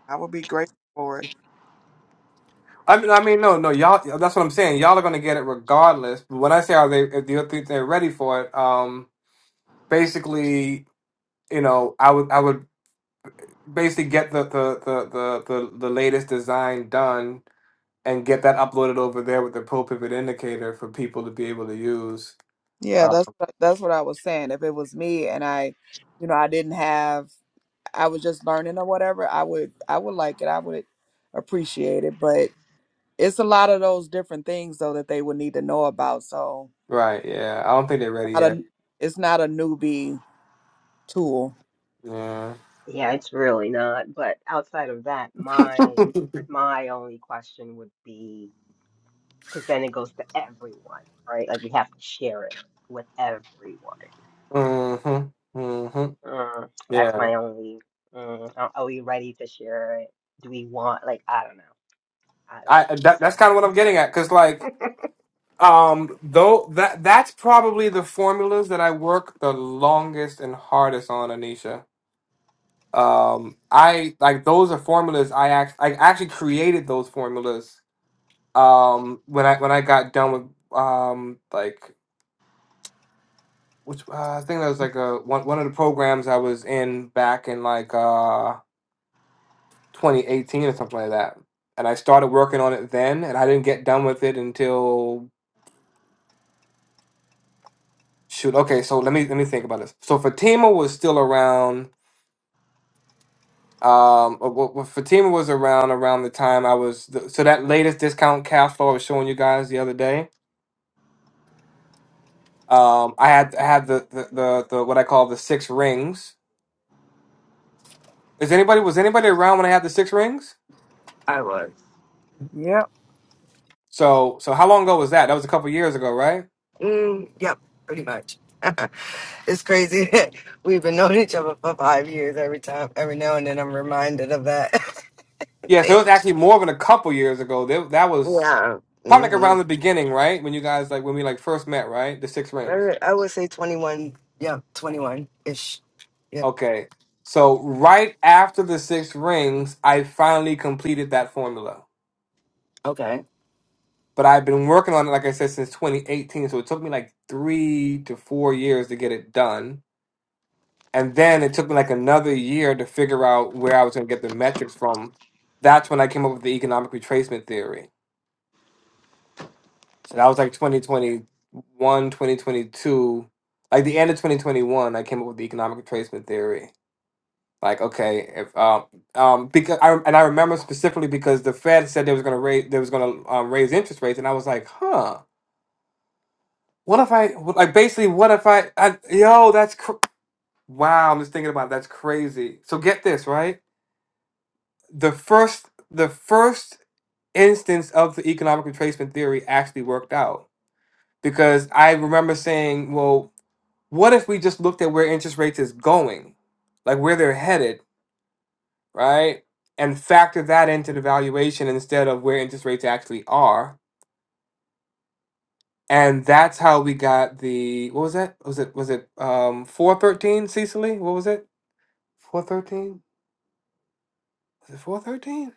Speaker 2: I would be grateful for it.
Speaker 1: I mean, I mean, no, no, y'all. That's what I'm saying. Y'all are gonna get it regardless. But when I say are they, if you think they're ready for it, um, basically, you know, I would, I would basically get the the the the the, the latest design done and get that uploaded over there with the pro pivot indicator for people to be able to use.
Speaker 2: Yeah,
Speaker 1: Oh.
Speaker 2: that's what- that's what I was saying. If it was me and I, you know, I didn't have, I was just learning or whatever, I would I would like it. I would appreciate it. But it's a lot of those different things though that they would need to know about. So
Speaker 1: Right. Yeah. I don't think they're ready
Speaker 2: not
Speaker 1: yet.
Speaker 2: a, it's not a newbie. tool.
Speaker 1: Yeah.
Speaker 5: Yeah, it's really not. But outside of that, my my only question would be because then it goes to everyone, right? Like we have to share it with everyone.
Speaker 1: mhm. Mhm.
Speaker 5: Mm, that's
Speaker 1: Yeah.
Speaker 5: my only. Mm, are, are we ready to share it? Do we want like I don't know. I don't,
Speaker 1: I that,
Speaker 5: so.
Speaker 1: that's kind of what I'm getting at, cause like. Um, though that that's probably the formulas that I work the longest and hardest on, Anisha. Um, I like those are formulas I act I actually created those formulas. Um, when I when I got done with um like which uh, I think that was like a one one of the programs I was in back in like uh 2018 or something like that. And I started working on it then, and I didn't get done with it until shoot. Okay, so let me let me think about this. So Fatima was still around Um, uh, well, well, Fatima was around around the time I was the, so that latest discount cash flow I was showing you guys the other day. Um, I had I had the, the the the what I call the six rings. Is anybody was anybody around when I had the six rings?
Speaker 6: I was.
Speaker 2: Yep.
Speaker 1: So so how long ago was that? That was a couple years ago, right?
Speaker 6: Mm, yep, pretty much. it's crazy. that We've been knowing each other for five years. Every time, every now and then, I'm reminded of that.
Speaker 1: Yeah, so it
Speaker 6: Damn.
Speaker 1: was actually more than a couple years ago. That, that was
Speaker 6: yeah.
Speaker 1: probably like
Speaker 6: hmm
Speaker 1: around the beginning, right? When you guys like when we like first met, right? The six rings.
Speaker 6: I, I would say 21. Yeah, 21 ish. Yep.
Speaker 1: Okay. So right after the six rings, I finally completed that formula.
Speaker 6: Okay.
Speaker 1: But I've been working on it, like I said, since 2018. So it took me like three to four years to get it done. And then it took me like another year to figure out where I was going to get the metrics from. That's when I came up with the economic retracement theory. So that was like 2021, 2022. Like the end of 2021, I came up with the economic retracement theory. Like, okay, if, um, um, because I, and I remember specifically because the Fed said they was going to raise, they was going to um, raise interest rates. And I was like, huh What if I like basically? What if I? I yo, that's cr- wow. I'm just thinking about it. that's crazy. So get this right. The first, the first instance of the economic retracement theory actually worked out because I remember saying, well, what if we just looked at where interest rates is going, like where they're headed, right, and factor that into the valuation instead of where interest rates actually are. And that's how we got the what was that? Was it was it um four thirteen Cecily? What was it? 413? Is it 413?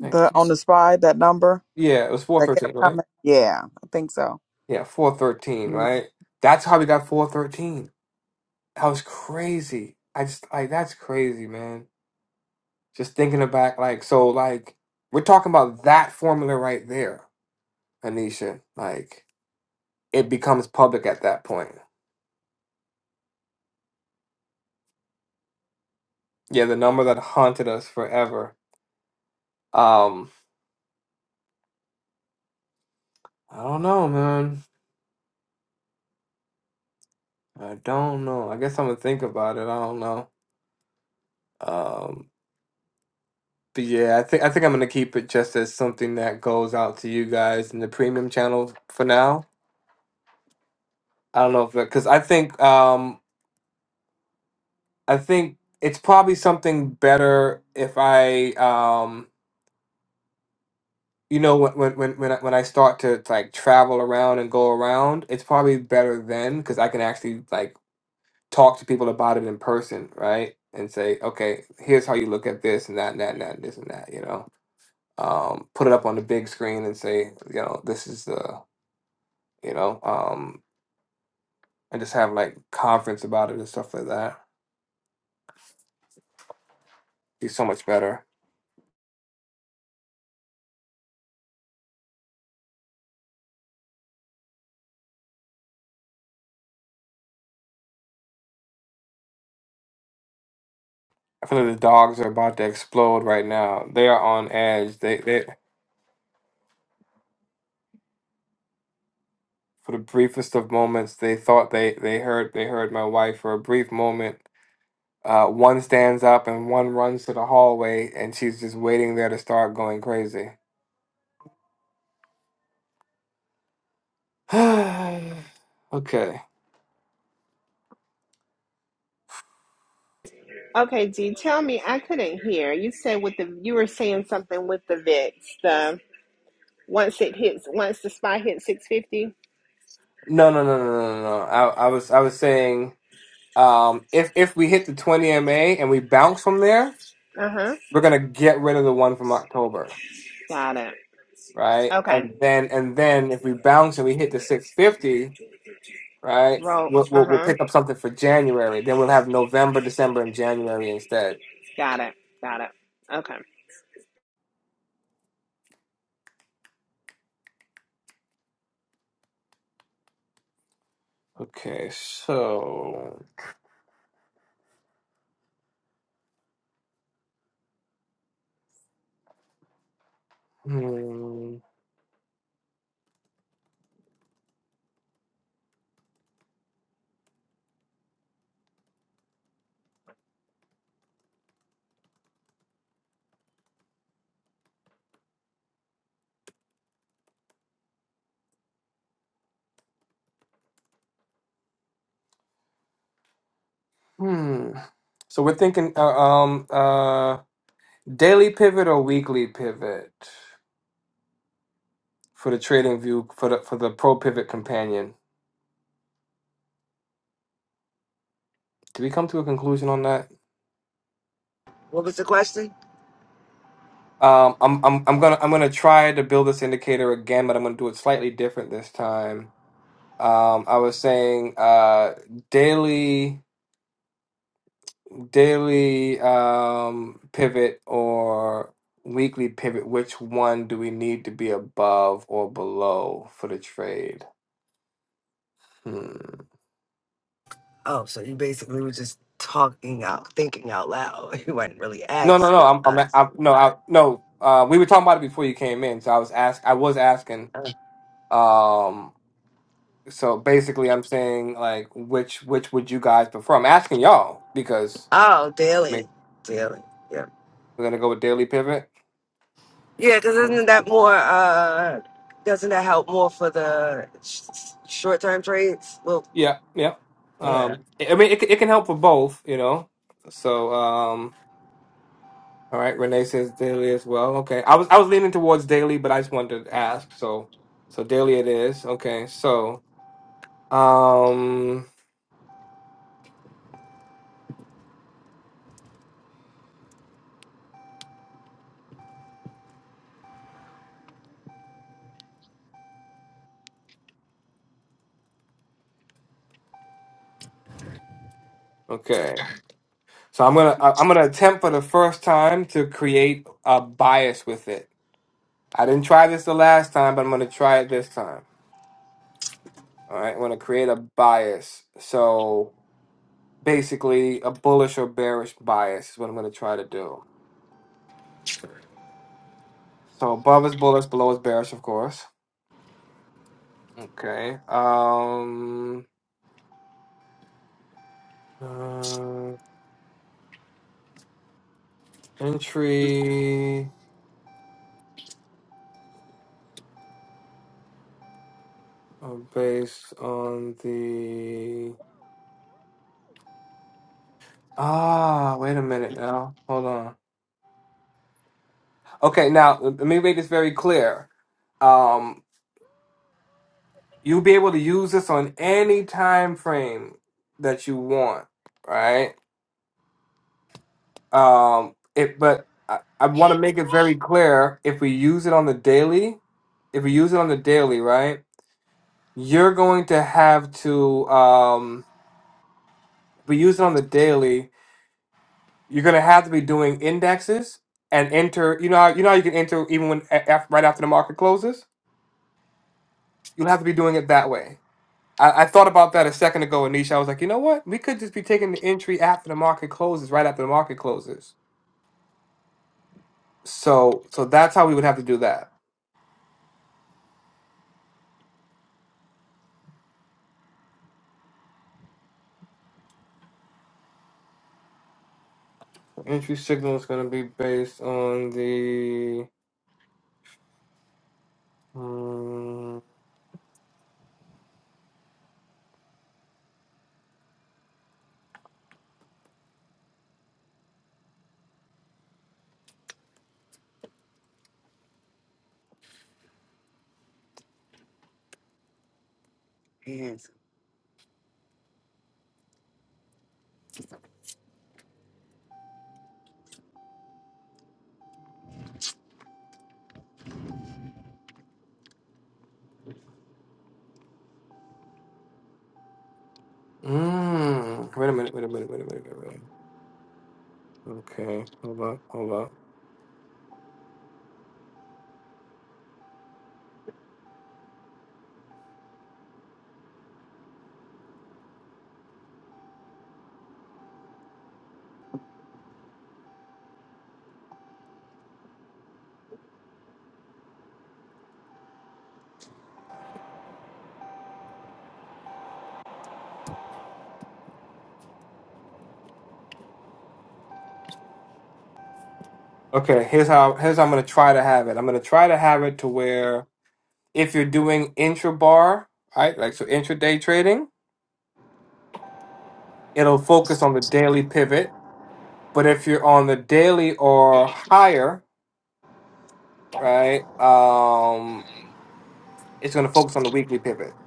Speaker 2: The on the spy, that number
Speaker 1: Yeah, it was
Speaker 2: that kept
Speaker 1: 413, right?
Speaker 2: coming. Yeah, I think so.
Speaker 1: Yeah, 413,
Speaker 2: Mm-hmm.
Speaker 1: right? That's how we got 413. That was crazy. I just, like, that's crazy, man. Just thinking about, like, so, like, we're talking about that formula right there, Anisha. Like, it becomes public at that point. Yeah, the number that haunted us forever. Um, I don't know, man. I don't know. I guess I'm gonna think about it. I don't know. Um. But yeah, I think I think I'm gonna keep it just as something that goes out to you guys in the premium channel for now. I don't know if because I think um I think it's probably something better if I um you know when when when when I, when I start to like travel around and go around, it's probably better then because I can actually like talk to people about it in person, right? And say, okay, here's how you look at this and that and that and that and this and that, you know. Um, put it up on the big screen and say, you know, this is the you know, um, and just have like conference about it and stuff like that. Be so much better. I feel like the dogs are about to explode right now. They are on edge. They they for the briefest of moments they thought they they heard they heard my wife for a brief moment. Uh, one stands up and one runs to the hallway, and she's just waiting there to start going crazy. okay.
Speaker 3: Okay, G, tell me, I couldn't hear. You said with the you were saying something with the VIX, the once it hits once the spy hits six fifty.
Speaker 1: No, no, no, no, no, no. no. I, I was, I was saying, um, if if we hit the twenty ma and we bounce from there,
Speaker 3: Uh-huh.
Speaker 1: we're gonna get rid of the one from October,
Speaker 3: Got it.
Speaker 1: right?
Speaker 3: Okay.
Speaker 1: And then and then if we bounce and we hit the 650, right?
Speaker 3: Roll.
Speaker 1: We'll, we'll we'll
Speaker 3: Uh-huh.
Speaker 1: pick up something for January. Then we'll have November, December, and January instead.
Speaker 3: Got it. Got it. Okay.
Speaker 1: Okay, so hmm, hmm. So we're thinking uh, um uh daily pivot or weekly pivot for the trading view for the for the pro pivot companion. Did we come to a conclusion on that?
Speaker 6: What was the question?
Speaker 1: Um, I'm I'm I'm gonna I'm gonna try to build this indicator again, but I'm gonna do it slightly different this time. Um, I was saying uh, daily daily um, pivot or weekly pivot. Which one do we need to be above or below for the trade? Hmm.
Speaker 6: Oh, so you basically were just talking out, thinking out loud. You weren't really
Speaker 1: No, no, no.
Speaker 6: asking
Speaker 1: I'm I'm,
Speaker 6: us.
Speaker 1: I'm no I, no. Uh, we were talking about it before you came in, so I was ask I was asking.
Speaker 6: Uh,
Speaker 1: Um, So basically, I'm saying like, which which would you guys prefer? I'm asking y'all because
Speaker 6: Oh,
Speaker 1: I
Speaker 6: daily,
Speaker 1: mean,
Speaker 6: daily. Yeah,
Speaker 1: we're gonna go with Daily Pivot.
Speaker 6: yeah. Because isn't that more? uh Doesn't that help more for the sh- short-term trades? Well,
Speaker 1: Yeah, yeah.
Speaker 6: yeah.
Speaker 1: Um, I I mean, it c- it can help for both, you know. So, um, all right, Renee says Daily as well. Okay, I was I was leaning towards Daily, but I just wanted to ask. So, so Daily it is. Okay, so um, okay, so I'm gonna I- I'm gonna attempt for the first time to create a bias with it. I didn't try this the last time, but I'm going to try it this time. All right, I'm going to create a bias. So basically, a bullish or bearish bias is what I'm going to try to do. So above is bullish, below is bearish, of course. Okay. Um, uh, entry uh, based on the. Ah, wait a minute now. Hold on. Okay, now let me make this very clear. Um. You'll be able to use this on any time frame that you want, right? Um, it, but I, I want to make it very clear if we use it on the daily, if we use it on the daily, right? You're going to have to, um, if we use it on the daily, you're going to have to be doing indexes and enter. You know how you know how you can enter even when a- af right after the market closes. You'll have to be doing it that way I, I thought about that a second ago, Anisha. I was like, you know what? We could just be taking the entry after the market closes, right after the market closes. So, so that's how we would have to do that. Entry signal is going to be based on the. Mm,
Speaker 6: yeah.
Speaker 1: mm, wait a minute. Wait a minute. Wait a minute. Wait a minute. Okay, hold up. Hold up. Okay, here's how. Here's how I'm going to try to have it. I'm going to try to have it to where if you're doing intra bar, right, like so intraday trading, it'll focus on the daily pivot But if you're on the daily or higher, right, um, it's going to focus on the weekly pivot.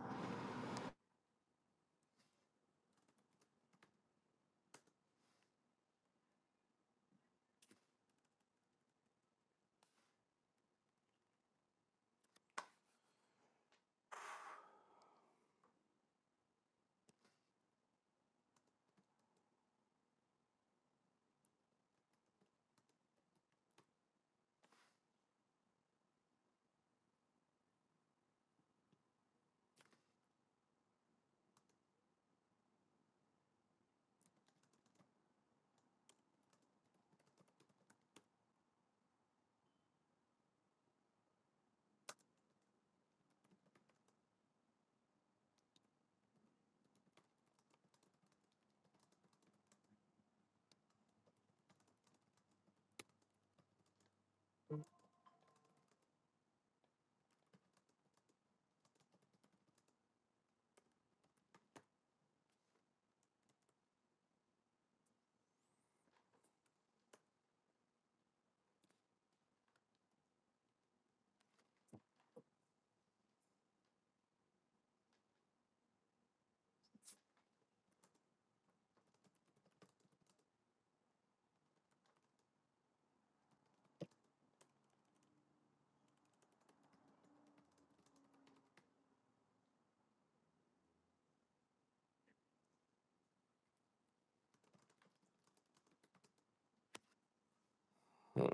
Speaker 1: Hmm,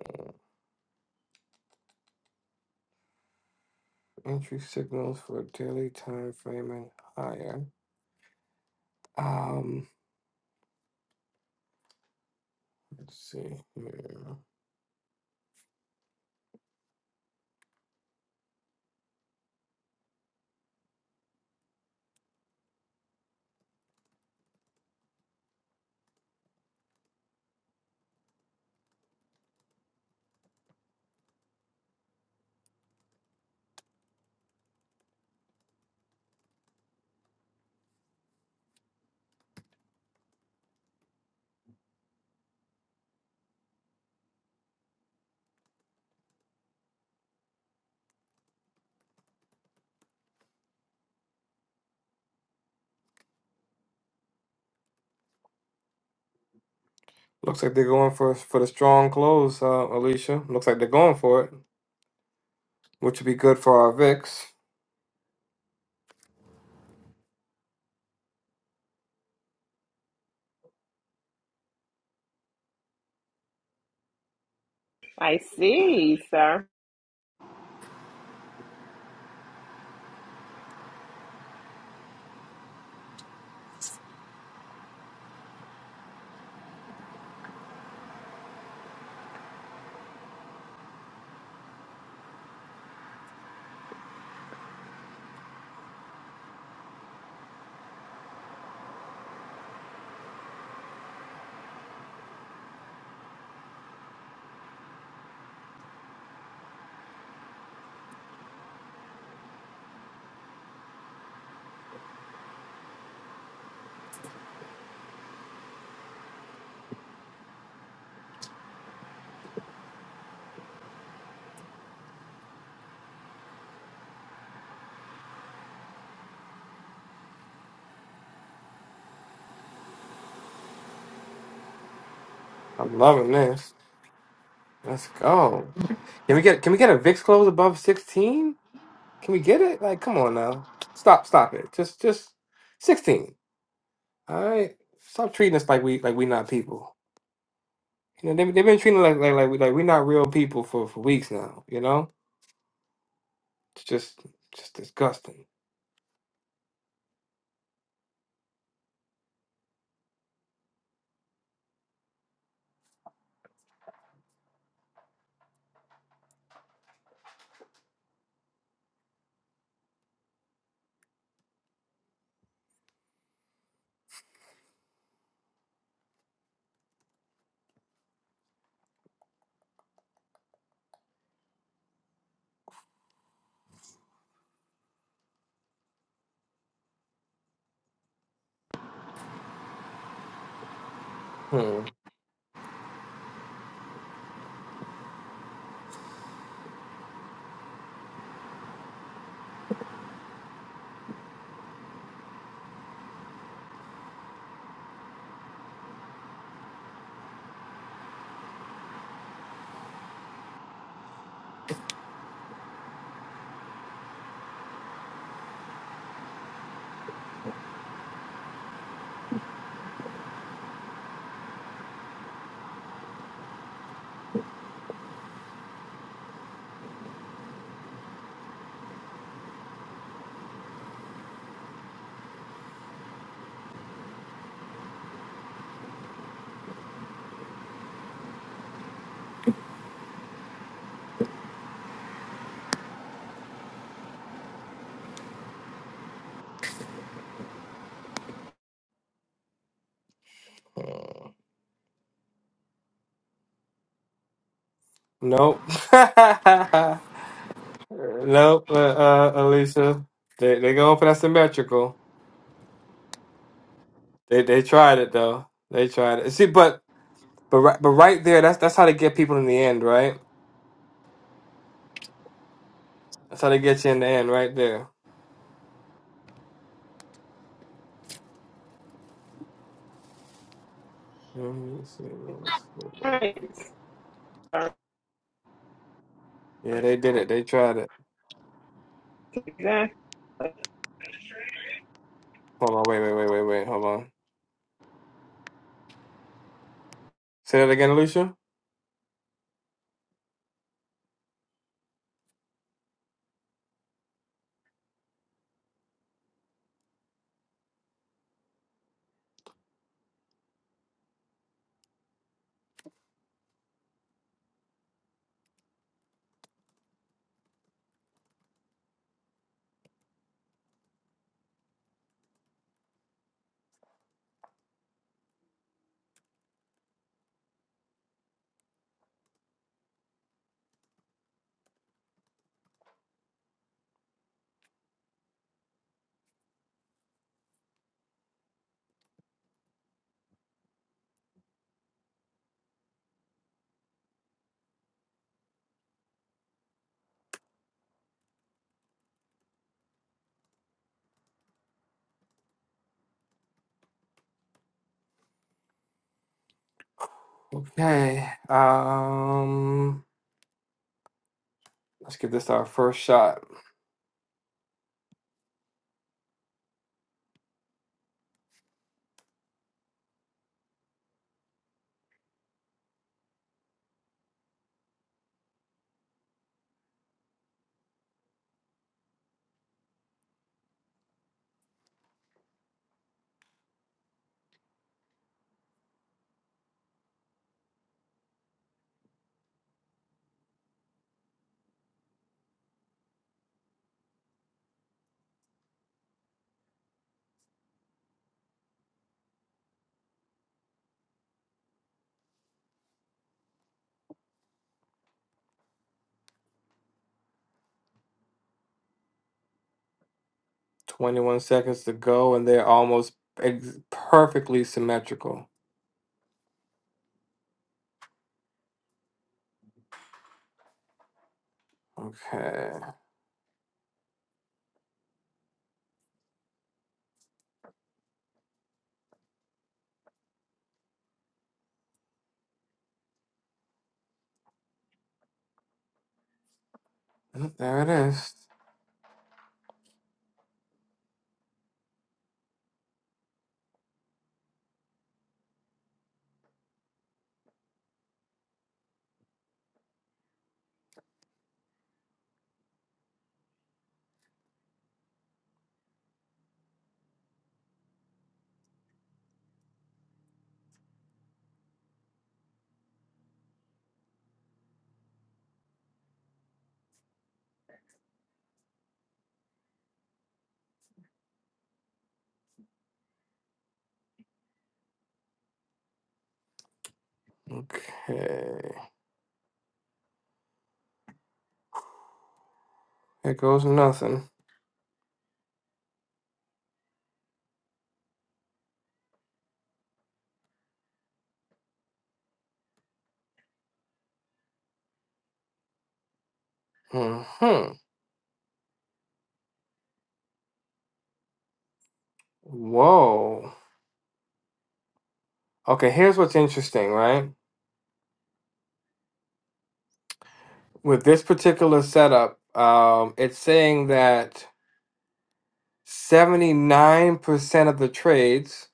Speaker 1: Entry signals for daily time frame and higher. Um, let's see here. Looks like they're going for for the strong close, uh, Alicia. Looks like they're going for it, which would be good for our VIX.
Speaker 3: I see, sir.
Speaker 1: I'm loving this. Let's go. Can we get can we get a VIX close above 16? Can we get it? Like, come on now. Stop, stop it. Just just 16. All right, stop treating us like we like we not people. You know, they they've been treating us like like like we like we not real people for for weeks now. You know, it's just just disgusting. Hmm. Hmm. Nope. nope. Uh, uh, Alicia, they they going for that symmetrical. They they tried it though. They tried it. See, but but right but right there, that's that's how they get people in the end, right? That's how they get you in the end, right there. Let me see. what's- going
Speaker 3: All
Speaker 1: on.
Speaker 3: right, sir.
Speaker 1: Yeah, they did it. They tried it.
Speaker 3: Yes.
Speaker 1: Hold on. Wait. Wait. Wait. Wait. Wait. Hold on. Say that again, Alicia. Okay. Um, let's give this our first shot. 21 seconds to go, and they're almost ex- perfectly symmetrical. Okay. Oh, There it is. Okay. Here goes nothing. hmm Whoa. Okay, here's what's interesting, right? With this particular setup, um, it's saying that 79% of the trades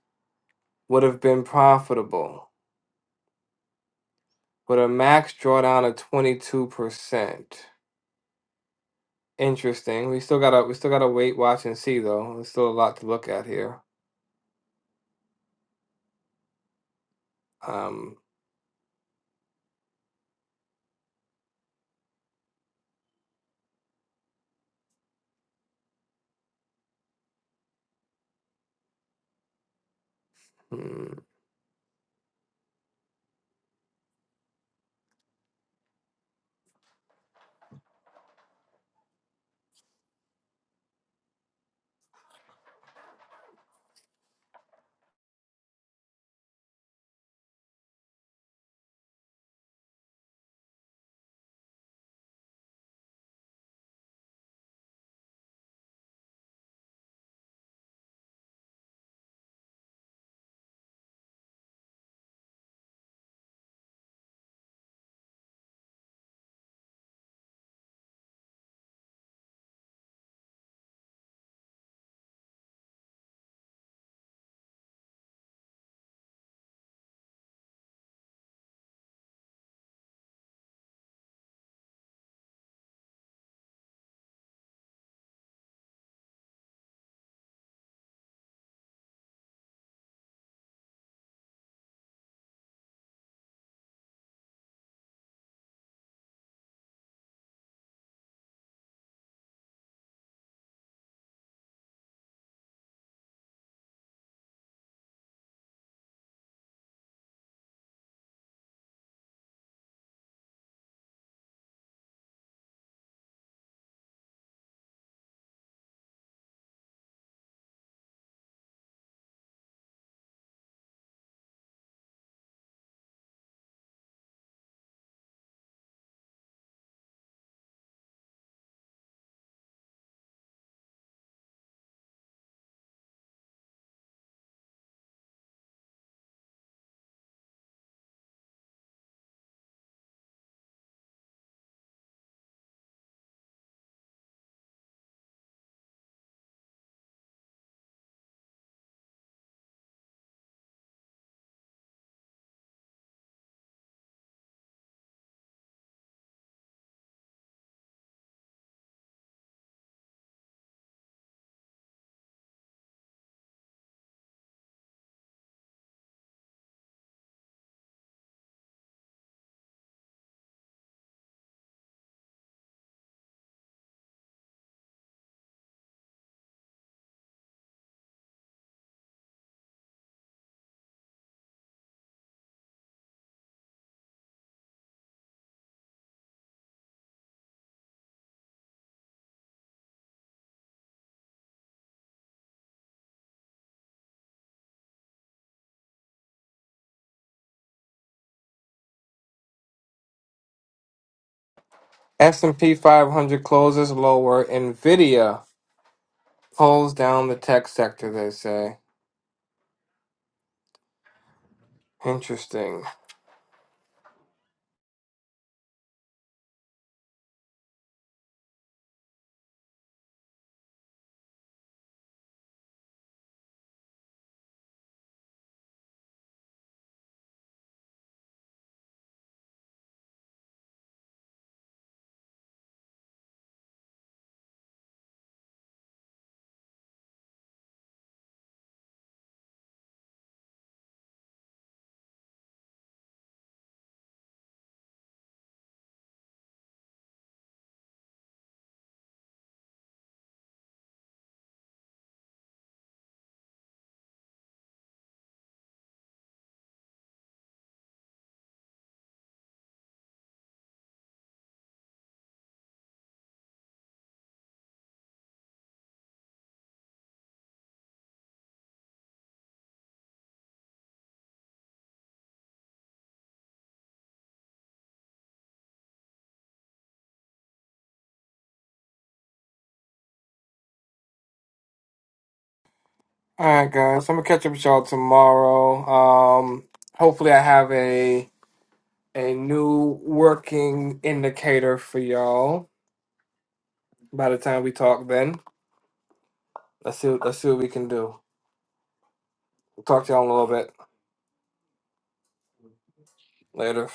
Speaker 1: would have been profitable. with a max drawdown of 22%. Interesting. We still gotta we still gotta wait, watch, and see though. There's still a lot to look at here. Um, hmm. S&P 500 closes lower. Nvidia pulls down the tech sector. They say. Interesting. All right, guys. I'm gonna catch up with y'all tomorrow. Um, hopefully, I have a a new working indicator for y'all by the time we talk. Then let's see let's see what we can do. We'll talk to y'all in a little bit. Later.